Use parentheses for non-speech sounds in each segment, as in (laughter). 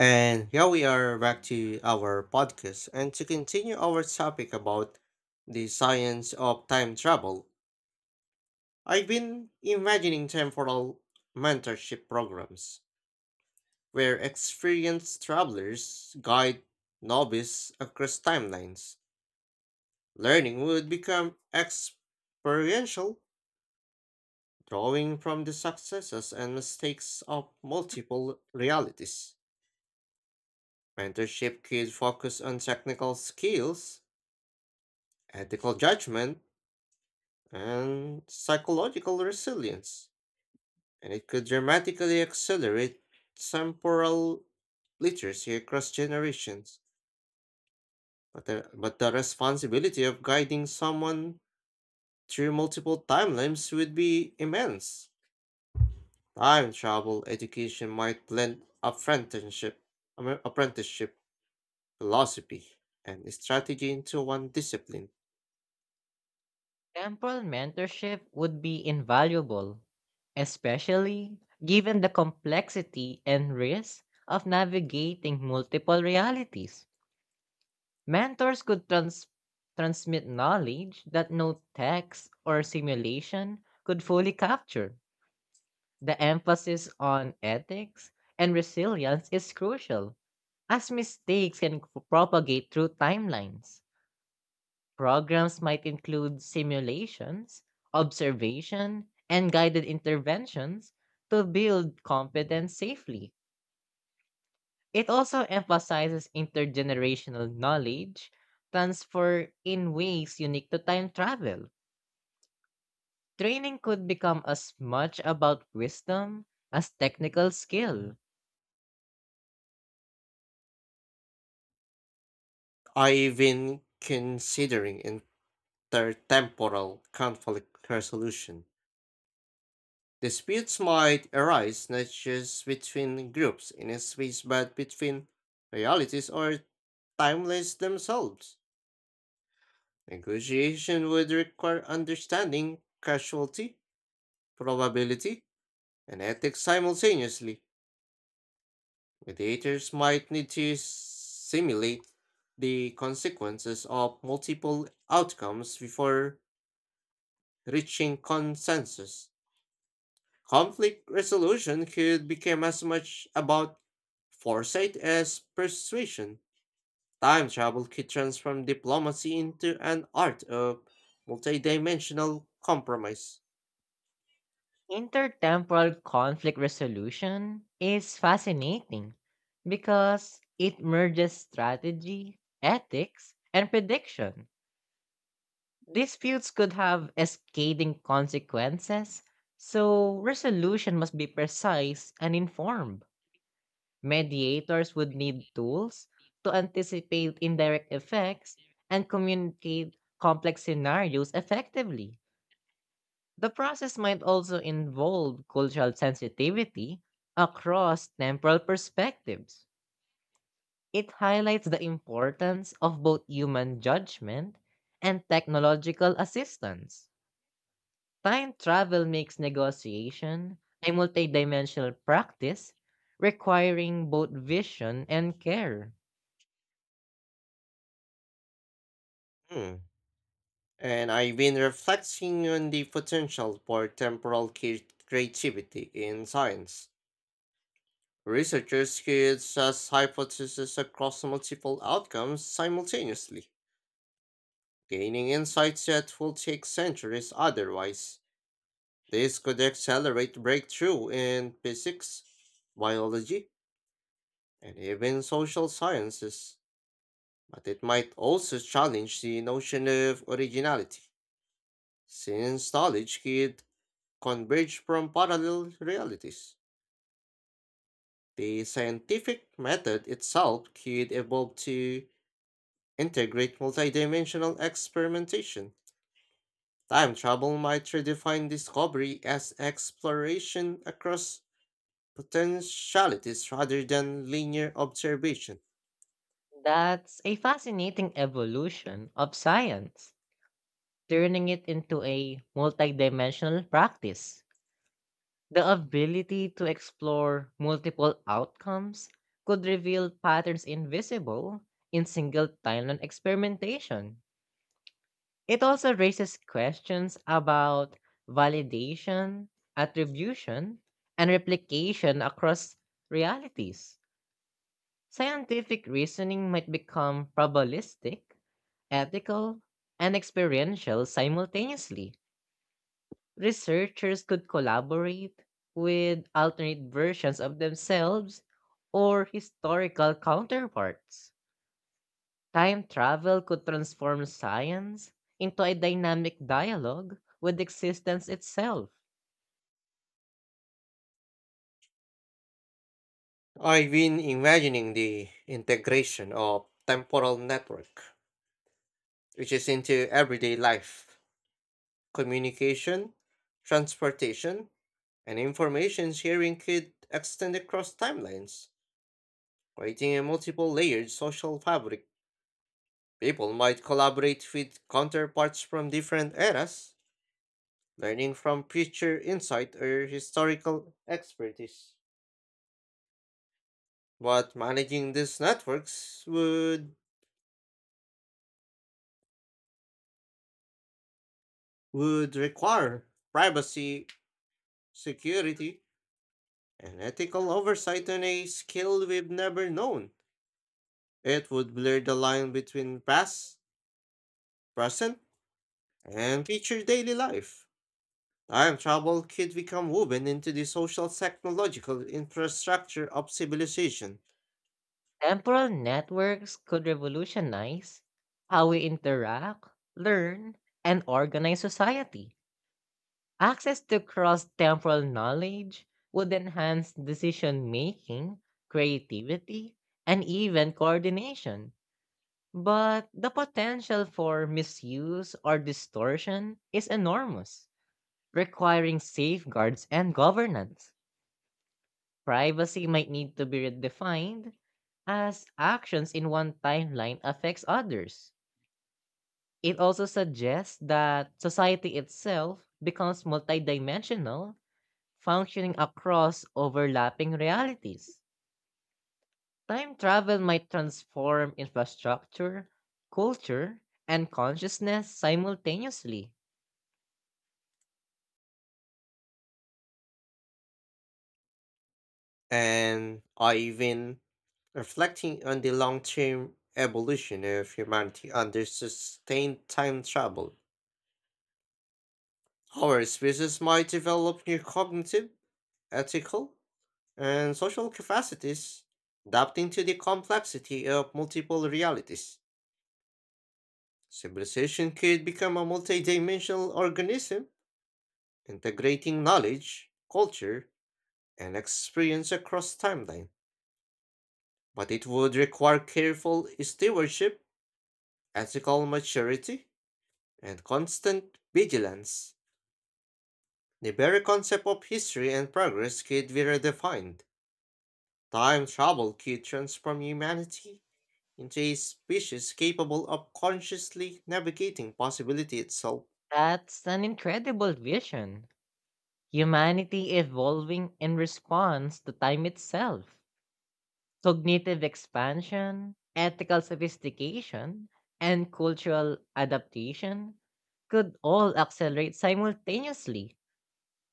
And here we are back to our podcast and to continue our topic about the science of time travel. I've been imagining temporal mentorship programs where experienced travelers guide novices across timelines. Learning would become experiential, drawing from the successes and mistakes of multiple realities. Mentorship could focus on technical skills ethical judgment, and psychological resilience, and it could dramatically accelerate temporal literacy across generations. But the responsibility of guiding someone through multiple timelines would be immense. Time travel education might blend apprenticeship, apprenticeship philosophy, and strategy into one discipline. Temporal mentorship would be invaluable, especially given the complexity and risk of navigating multiple realities. Mentors could transmit knowledge that no text or simulation could fully capture. The emphasis on ethics and resilience is crucial, as mistakes can propagate through timelines. Programs might include simulations, observation, and guided interventions to build competence safely. It also emphasizes intergenerational knowledge transfer in ways unique to time travel. Training could become as much about wisdom as technical skill. I even considering intertemporal conflict resolution. Disputes might arise not just between groups in a space but between realities or timeless themselves. Negotiation would require understanding casualty, probability, and ethics simultaneously. Mediators might need to simulate the consequences of multiple outcomes before reaching consensus. Conflict resolution could become as much about foresight as persuasion. Time travel could transform diplomacy into an art of multidimensional compromise. Intertemporal conflict resolution is fascinating because it merges strategy, ethics, and prediction. Disputes could have cascading consequences, so resolution must be precise and informed. Mediators would need tools to anticipate indirect effects and communicate complex scenarios effectively. The process might also involve cultural sensitivity across temporal perspectives. It highlights the importance of both human judgment and technological assistance. Time travel makes negotiation a multidimensional practice requiring both vision and care. Hmm. And I've been reflecting on the potential for temporal creativity in science. Researchers could test hypotheses across multiple outcomes simultaneously, gaining insights that will take centuries otherwise. This could accelerate breakthrough in physics, biology, and even social sciences, but it might also challenge the notion of originality, since knowledge could converge from parallel realities. The scientific method itself could evolve to integrate multidimensional experimentation. Time travel might redefine discovery as exploration across potentialities rather than linear observation. That's a fascinating evolution of science, turning it into a multidimensional practice. The ability to explore multiple outcomes could reveal patterns invisible in single timeline experimentation. It also raises questions about validation, attribution, and replication across realities. Scientific reasoning might become probabilistic, ethical, and experiential simultaneously. Researchers could collaborate with alternate versions of themselves or historical counterparts. Time travel could transform science into a dynamic dialogue with existence itself. I've been imagining the integration of temporal network, which is into everyday life, communication, transportation, and information sharing could extend across timelines, creating a multiple layered social fabric. People might collaborate with counterparts from different eras, learning from future insight or historical expertise. But managing these networks would require privacy, security, and ethical oversight on a scale we've never known. It would blur the line between past, present, and future daily life. Time travel could become woven into the social technological infrastructure of civilization. Temporal networks could revolutionize how we interact, learn, and organize society. Access to cross temporal knowledge would enhance decision making, creativity, and even coordination. But the potential for misuse or distortion is enormous, requiring safeguards and governance. Privacy might need to be redefined as actions in one timeline affects others. It also suggests that society itself becomes multidimensional, functioning across overlapping realities. Time travel might transform infrastructure, culture, and consciousness simultaneously. And I even reflecting on the long term evolution of humanity under sustained time travel. Our species might develop new cognitive, ethical, and social capacities, adapting to the complexity of multiple realities. Civilization could become a multidimensional organism, integrating knowledge, culture, and experience across timeline. But it would require careful stewardship, ethical maturity, and constant vigilance. The very concept of history and progress could be redefined. Time travel could transform humanity into a species capable of consciously navigating possibility itself. That's an incredible vision. Humanity evolving in response to time itself. Cognitive expansion, ethical sophistication, and cultural adaptation could all accelerate simultaneously.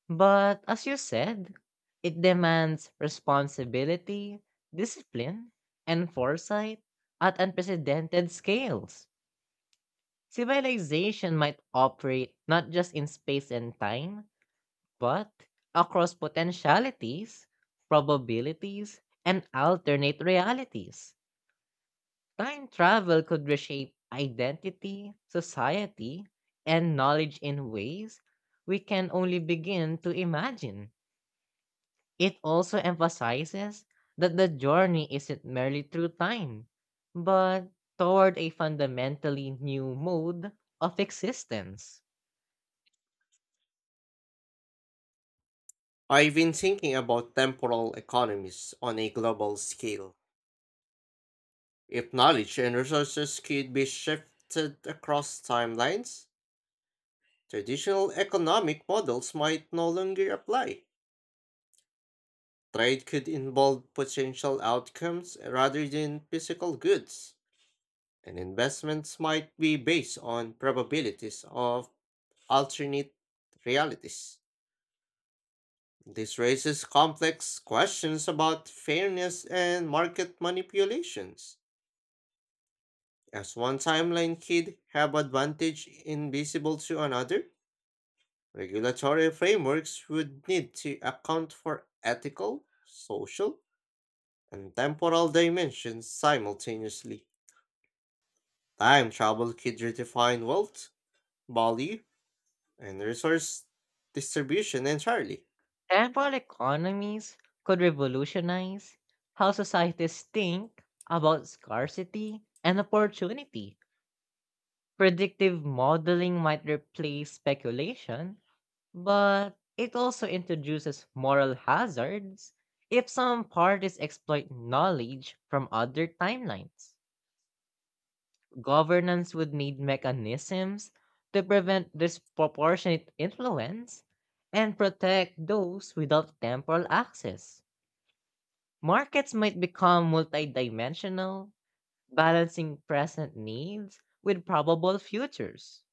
But as you said, it demands responsibility, discipline, and foresight at unprecedented scales. Civilization might operate not just in space and time, but across potentialities, probabilities, and alternate realities. Time travel could reshape identity, society, and knowledge in ways we can only begin to imagine. It also emphasizes that the journey isn't merely through time, but toward a fundamentally new mode of existence. I've been thinking about temporal economies on a global scale. If knowledge and resources could be shifted across timelines, traditional economic models might no longer apply. Trade could involve potential outcomes rather than physical goods, and investments might be based on probabilities of alternate realities. This raises complex questions about fairness and market manipulations. As one timeline could have advantage invisible to another, regulatory frameworks would need to account for ethical, social, and temporal dimensions simultaneously. Time travel could redefine wealth, value, and resource distribution entirely. Temporal economies could revolutionize how societies think about scarcity and opportunity. Predictive modeling might replace speculation. But it also introduces moral hazards if some parties exploit knowledge from other timelines. Governance would need mechanisms to prevent disproportionate influence and protect those without temporal access. Markets might become multidimensional, balancing present needs with probable futures.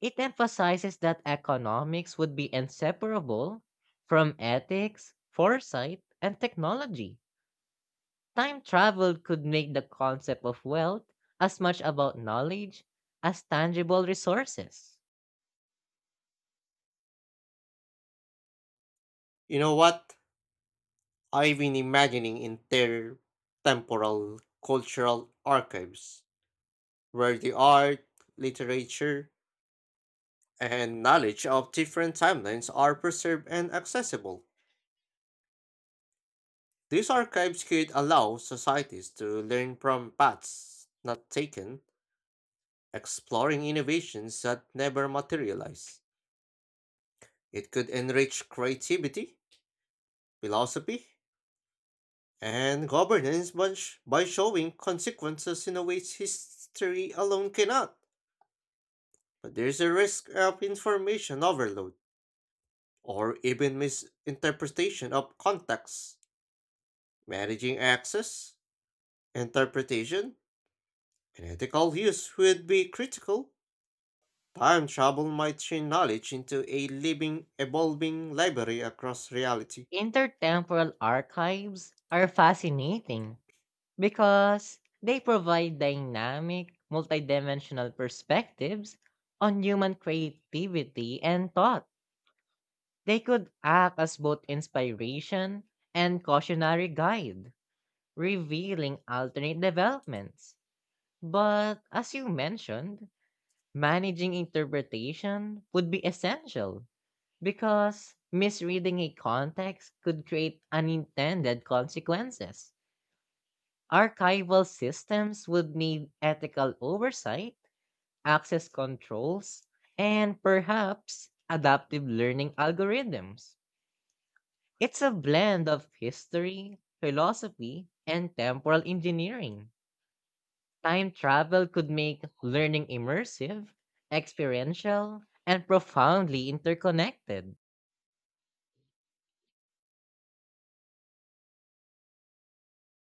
It emphasizes that economics would be inseparable from ethics, foresight, and technology. Time travel could make the concept of wealth as much about knowledge as tangible resources. You know what? I've been imagining intertemporal cultural archives where the art, literature, and knowledge of different timelines are preserved and accessible. These archives could allow societies to learn from paths not taken, exploring innovations that never materialize. It could enrich creativity, philosophy, and governance by, by showing consequences in a way history alone cannot. But there's a risk of information overload or even misinterpretation of context. Managing access, interpretation, and ethical use would be critical. Time travel might change knowledge into a living, evolving library across reality. Intertemporal archives are fascinating because they provide dynamic, multidimensional perspectives on human creativity and thought. They could act as both inspiration and cautionary guide, revealing alternate developments. But as you mentioned, managing interpretation would be essential because misreading a context could create unintended consequences. Archival systems would need ethical oversight, access controls, and perhaps adaptive learning algorithms. It's a blend of history, philosophy, and temporal engineering. Time travel could make learning immersive, experiential, and profoundly interconnected.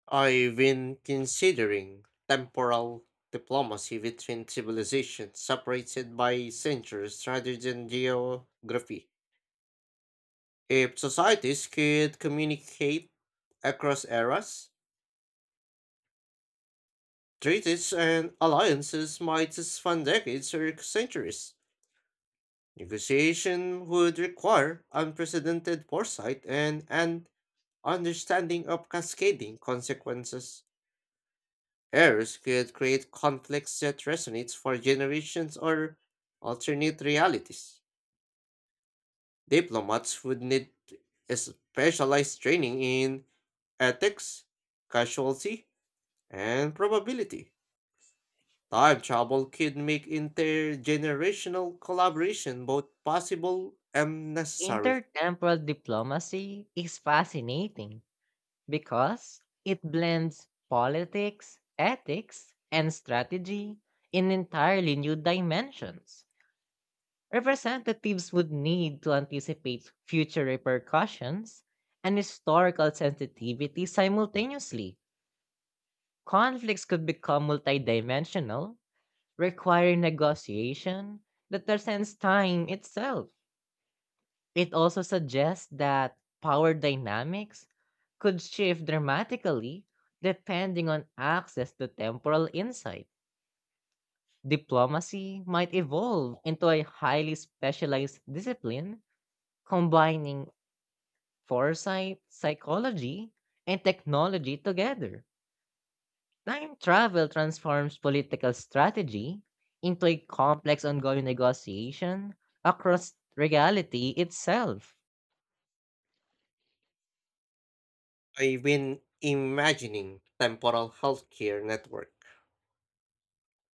I've been considering temporal diplomacy between civilizations separated by centuries rather than geography. If societies could communicate across eras, treaties and alliances might span decades or centuries. Negotiation would require unprecedented foresight and an understanding of cascading consequences. Errors could create conflicts that resonate for generations or alternate realities. Diplomats would need specialized training in ethics, casualty, and probability. Time travel could make intergenerational collaboration both possible and necessary. Intertemporal diplomacy is fascinating because it blends politics, ethics, and strategy in entirely new dimensions. Representatives would need to anticipate future repercussions and historical sensitivity simultaneously. Conflicts could become multidimensional, requiring negotiation that transcends time itself. It also suggests that power dynamics could shift dramatically depending on access to temporal insight. Diplomacy might evolve into a highly specialized discipline combining foresight, psychology, and technology together. Time travel transforms political strategy into a complex ongoing negotiation across reality itself. I've been imagining temporal healthcare network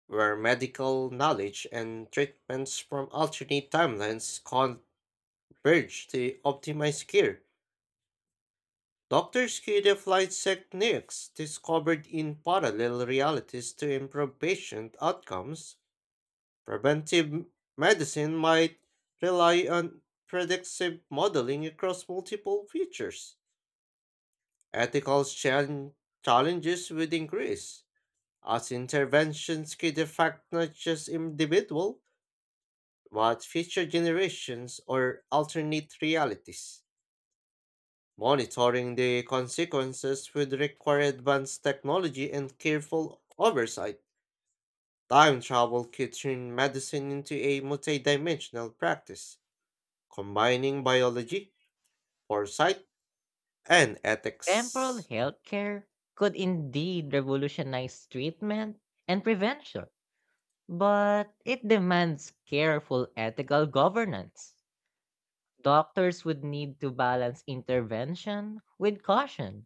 where medical knowledge and treatments from alternate timelines converge to optimize care. Doctors could apply techniques discovered in parallel realities to improve patient outcomes. Preventive medicine might rely on predictive modeling across multiple features. Ethical challenges would increase, as interventions could affect not just individual, but future generations or alternate realities. Monitoring the consequences would require advanced technology and careful oversight. Time travel could turn medicine into a multidimensional practice combining biology, foresight, and Temporal ethics. healthcare could indeed revolutionize treatment and prevention, but it demands careful ethical governance. Doctors would need to balance intervention with caution,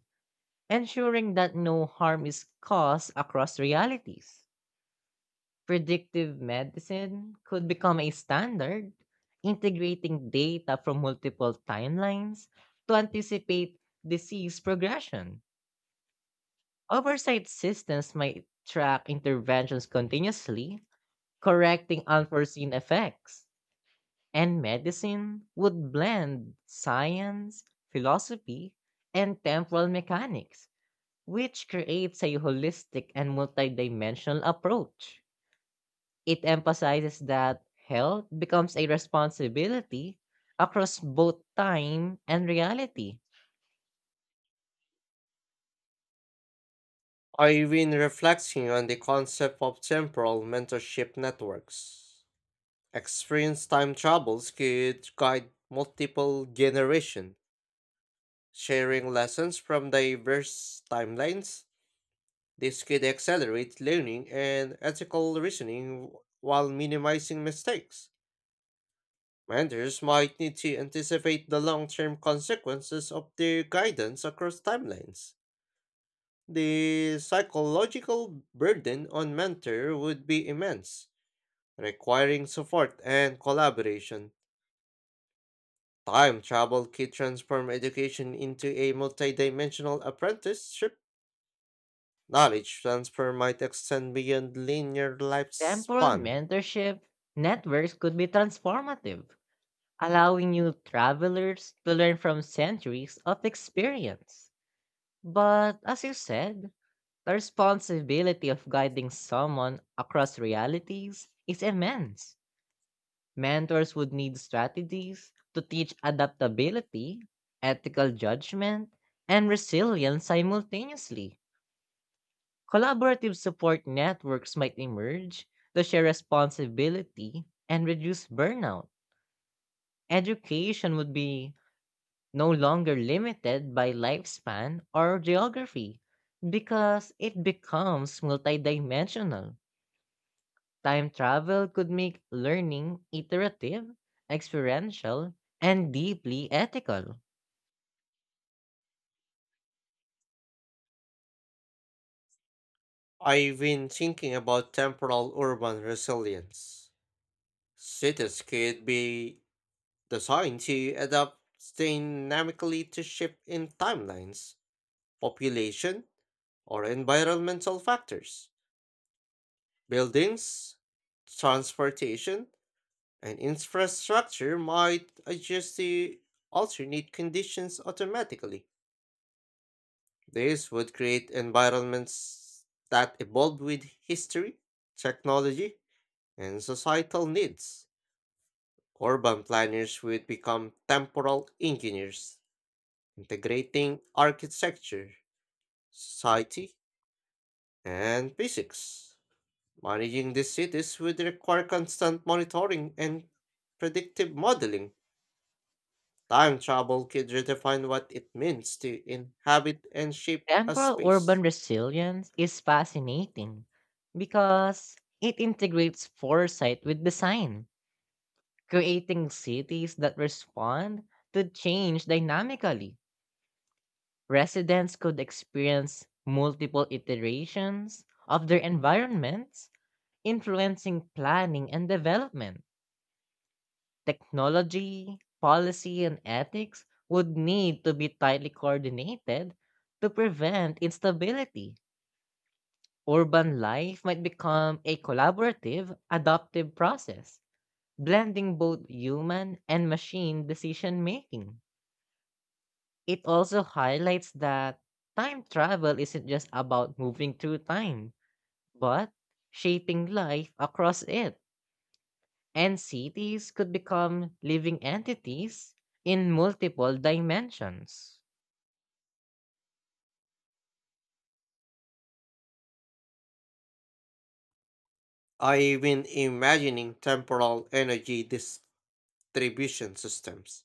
ensuring that no harm is caused across realities. Predictive medicine could become a standard, integrating data from multiple timelines to anticipate disease progression. Oversight systems might track interventions continuously, correcting unforeseen effects. And medicine would blend science, philosophy, and temporal mechanics, which creates a holistic and multidimensional approach. It emphasizes that health becomes a responsibility across both time and reality. I've been reflecting on the concept of temporal mentorship networks. Experience time travels could guide multiple generations, sharing lessons from diverse timelines. This could accelerate learning and ethical reasoning while minimizing mistakes. Mentors might need to anticipate the long term consequences of their guidance across timelines. The psychological burden on mentor would be immense, requiring support and collaboration. Time travel could transform education into a multidimensional apprenticeship. Knowledge transfer might extend beyond linear Temporal lifespan. mentorship networks could be transformative, allowing new travelers to learn from centuries of experience. But as you said, the responsibility of guiding someone across realities is immense. Mentors would need strategies to teach adaptability, ethical judgment, and resilience simultaneously. Collaborative support networks might emerge to share responsibility and reduce burnout. Education would be no longer limited by lifespan or geography because it becomes multidimensional. Time travel could make learning iterative, experiential, and deeply ethical. I've been thinking about temporal urban resilience. Cities could be designed to adapt dynamically to shift in timelines, population, or environmental factors. Buildings, transportation, and infrastructure might adjust the alternate conditions automatically. This would create environments that evolve with history, technology, and societal needs. Urban planners would become temporal engineers, integrating architecture, society, and physics. Managing these cities would require constant monitoring and predictive modeling. Time travel could redefine what it means to inhabit and shape a Temporal urban space. resilience is fascinating because it integrates foresight with design, creating cities that respond to change dynamically. Residents could experience multiple iterations of their environments, influencing planning and development. Technology, policy, and ethics would need to be tightly coordinated to prevent instability. Urban life might become a collaborative, adaptive process, blending both human and machine decision making. It also highlights that time travel isn't just about moving through time, but shaping life across it. And cities could become living entities in multiple dimensions. I've been imagining temporal energy distribution systems.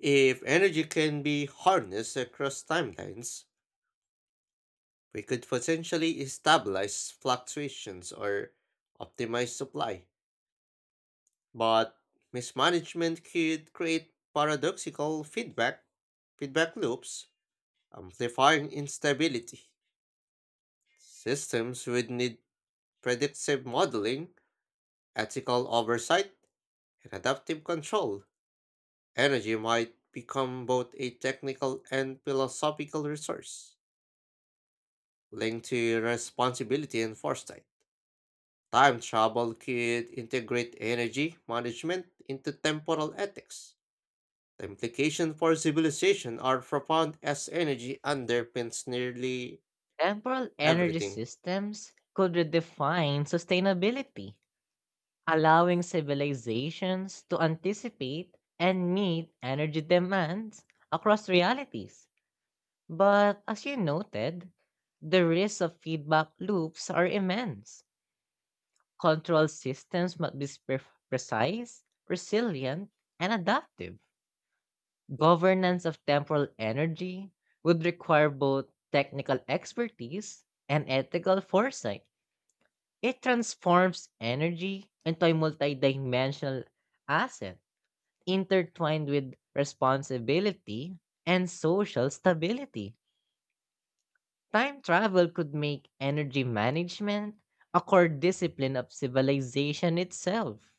If energy can be harnessed across timelines, we could potentially stabilize fluctuations or optimize supply, but mismanagement could create paradoxical feedback loops, amplifying instability. Systems would need predictive modeling, ethical oversight, and adaptive control. Energy might become both a technical and philosophical resource, linked to responsibility and foresight. Time travel could integrate energy management into temporal ethics. The implications for civilization are profound as energy underpins nearly Temporal energy everything. systems could redefine sustainability, allowing civilizations to anticipate and meet energy demands across realities. But as you noted, the risks of feedback loops are immense. Control systems must be precise, resilient, and adaptive. Governance of temporal energy would require both technical expertise and ethical foresight. It transforms energy into a multidimensional asset intertwined with responsibility and social stability. Time travel could make energy management a core discipline of civilization itself.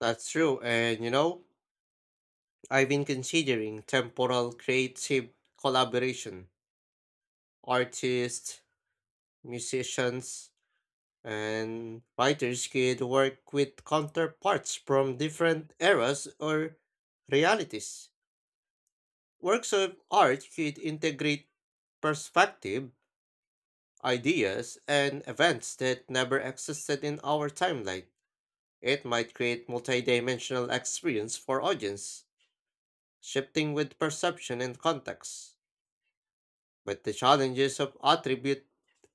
That's true, and I've been considering temporal creative collaboration. Artists, musicians, and writers could work with counterparts from different eras or realities. Works of art should integrate perspective, ideas, and events that never existed in our timeline. It might create multidimensional experience for audience, shifting with perception and context. But the challenges of attribute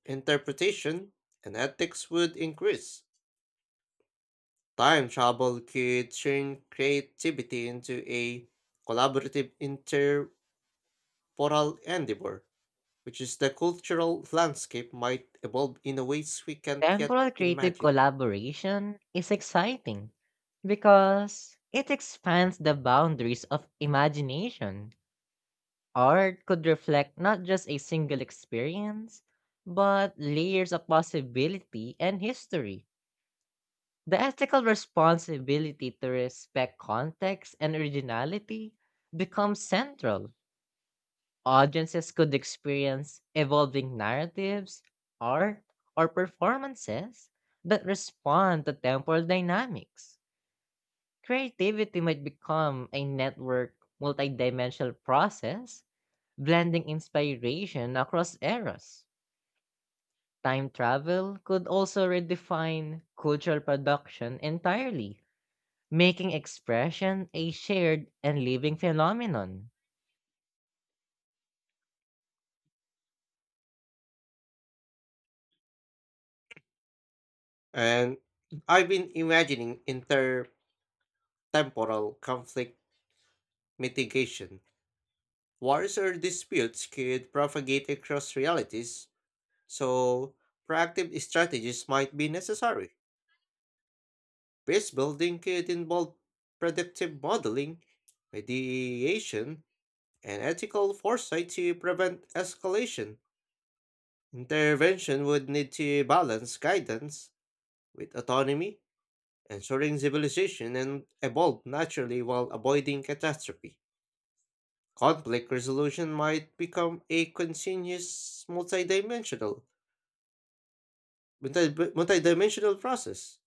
interpretation and ethics would increase. Time travel could turn creativity into a collaborative interportal endeavor which is the cultural landscape might evolve in a ways we can't yet Temporal creative imagine. collaboration is exciting because it expands the boundaries of imagination. Art could reflect not just a single experience, but layers of possibility and history. The ethical responsibility to respect context and originality becomes central. Audiences could experience evolving narratives, art, or performances that respond to temporal dynamics. Creativity might become a network, multidimensional process, blending inspiration across eras. Time travel could also redefine cultural production entirely, making expression a shared and living phenomenon. And I've been imagining intertemporal conflict mitigation. Wars or disputes could propagate across realities, so proactive strategies might be necessary. Base building could involve predictive modeling, mediation, and ethical foresight to prevent escalation. Intervention would need to balance guidance with autonomy, ensuring civilization and evolved naturally while avoiding catastrophe. Conflict resolution might become a continuous multidimensional multi- multidimensional process.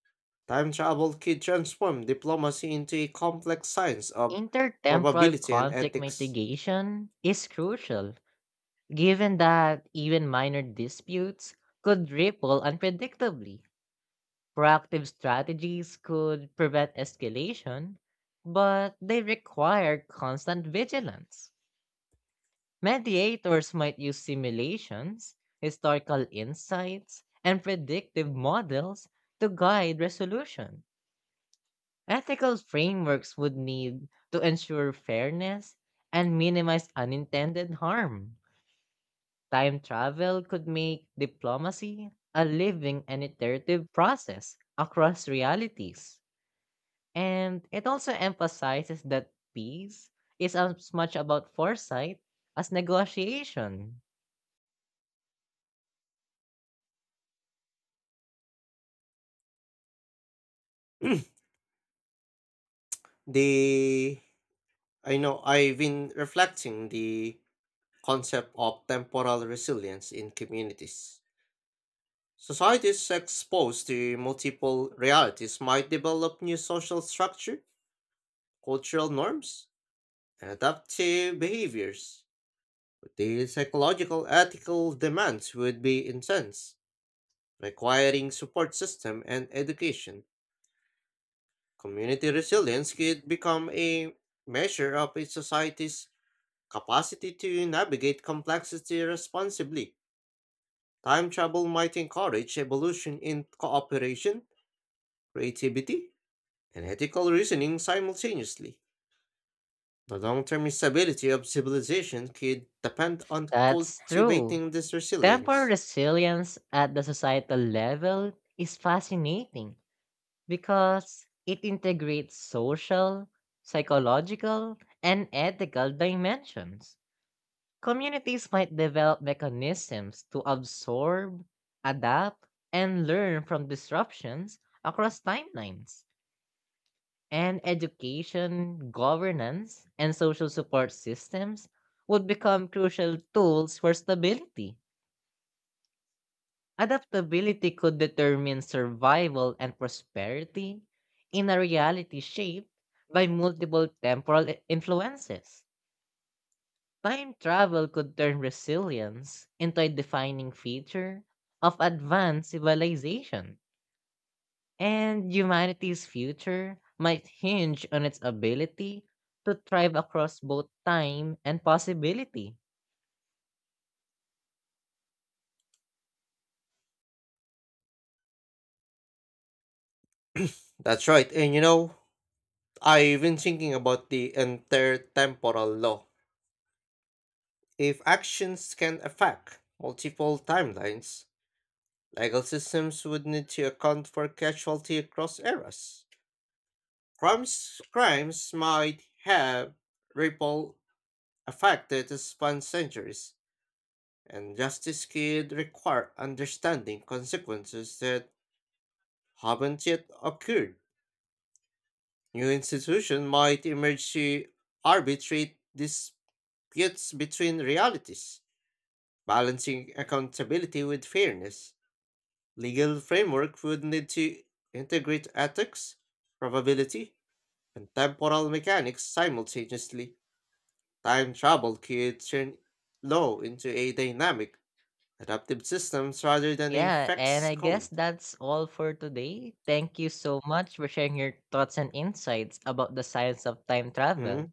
Time travel could transform diplomacy into a complex science of Intertemporal probability and conflict ethics. mitigation is crucial given that even minor disputes could ripple unpredictably. Proactive strategies could prevent escalation, but they require constant vigilance. Mediators might use simulations, historical insights, and predictive models to guide resolution. Ethical frameworks would need to ensure fairness and minimize unintended harm. Time travel could make diplomacy a living and iterative process across realities. And it also emphasizes that peace is as much about foresight as negotiation. (clears throat) the I know I've been reflecting the concept of temporal resilience in communities. Societies exposed to multiple realities might develop new social structure, cultural norms, and adaptive behaviors. But the psychological ethical demands would be intense, requiring support system and education. Community resilience could become a measure of a society's capacity to navigate complexity responsibly. Time travel might encourage evolution in cooperation, creativity, and ethical reasoning simultaneously. The long term stability of civilization could depend on That's true. cultivating this Temporal resilience. resilience at the societal level is fascinating because it integrates social, psychological, and ethical dimensions. Communities might develop mechanisms to absorb, adapt, and learn from disruptions across timelines. And education, governance, and social support systems would become crucial tools for stability. Adaptability could determine survival and prosperity in a reality shaped by multiple temporal influences. Time travel could turn resilience into a defining feature of advanced civilization, and humanity's future might hinge on its ability to thrive across both time and possibility. That's right, and I've been thinking about the intertemporal law. If actions can affect multiple timelines, legal systems would need to account for casualty across eras. Crimes might have ripple effect that span centuries and justice could require understanding consequences that haven't yet occurred. New institutions might emerge to arbitrate disputes between realities, balancing accountability with fairness. Legal framework would need to integrate ethics, probability, and temporal mechanics simultaneously. Time travel could turn law into a dynamic, adaptive systems rather than a Yeah, and I fixed code. guess that's all for today. Thank you so much for sharing your thoughts and insights about the science of time travel. Mm.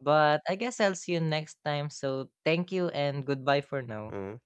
But I guess I'll see you next time. So thank you and goodbye for now. Mm.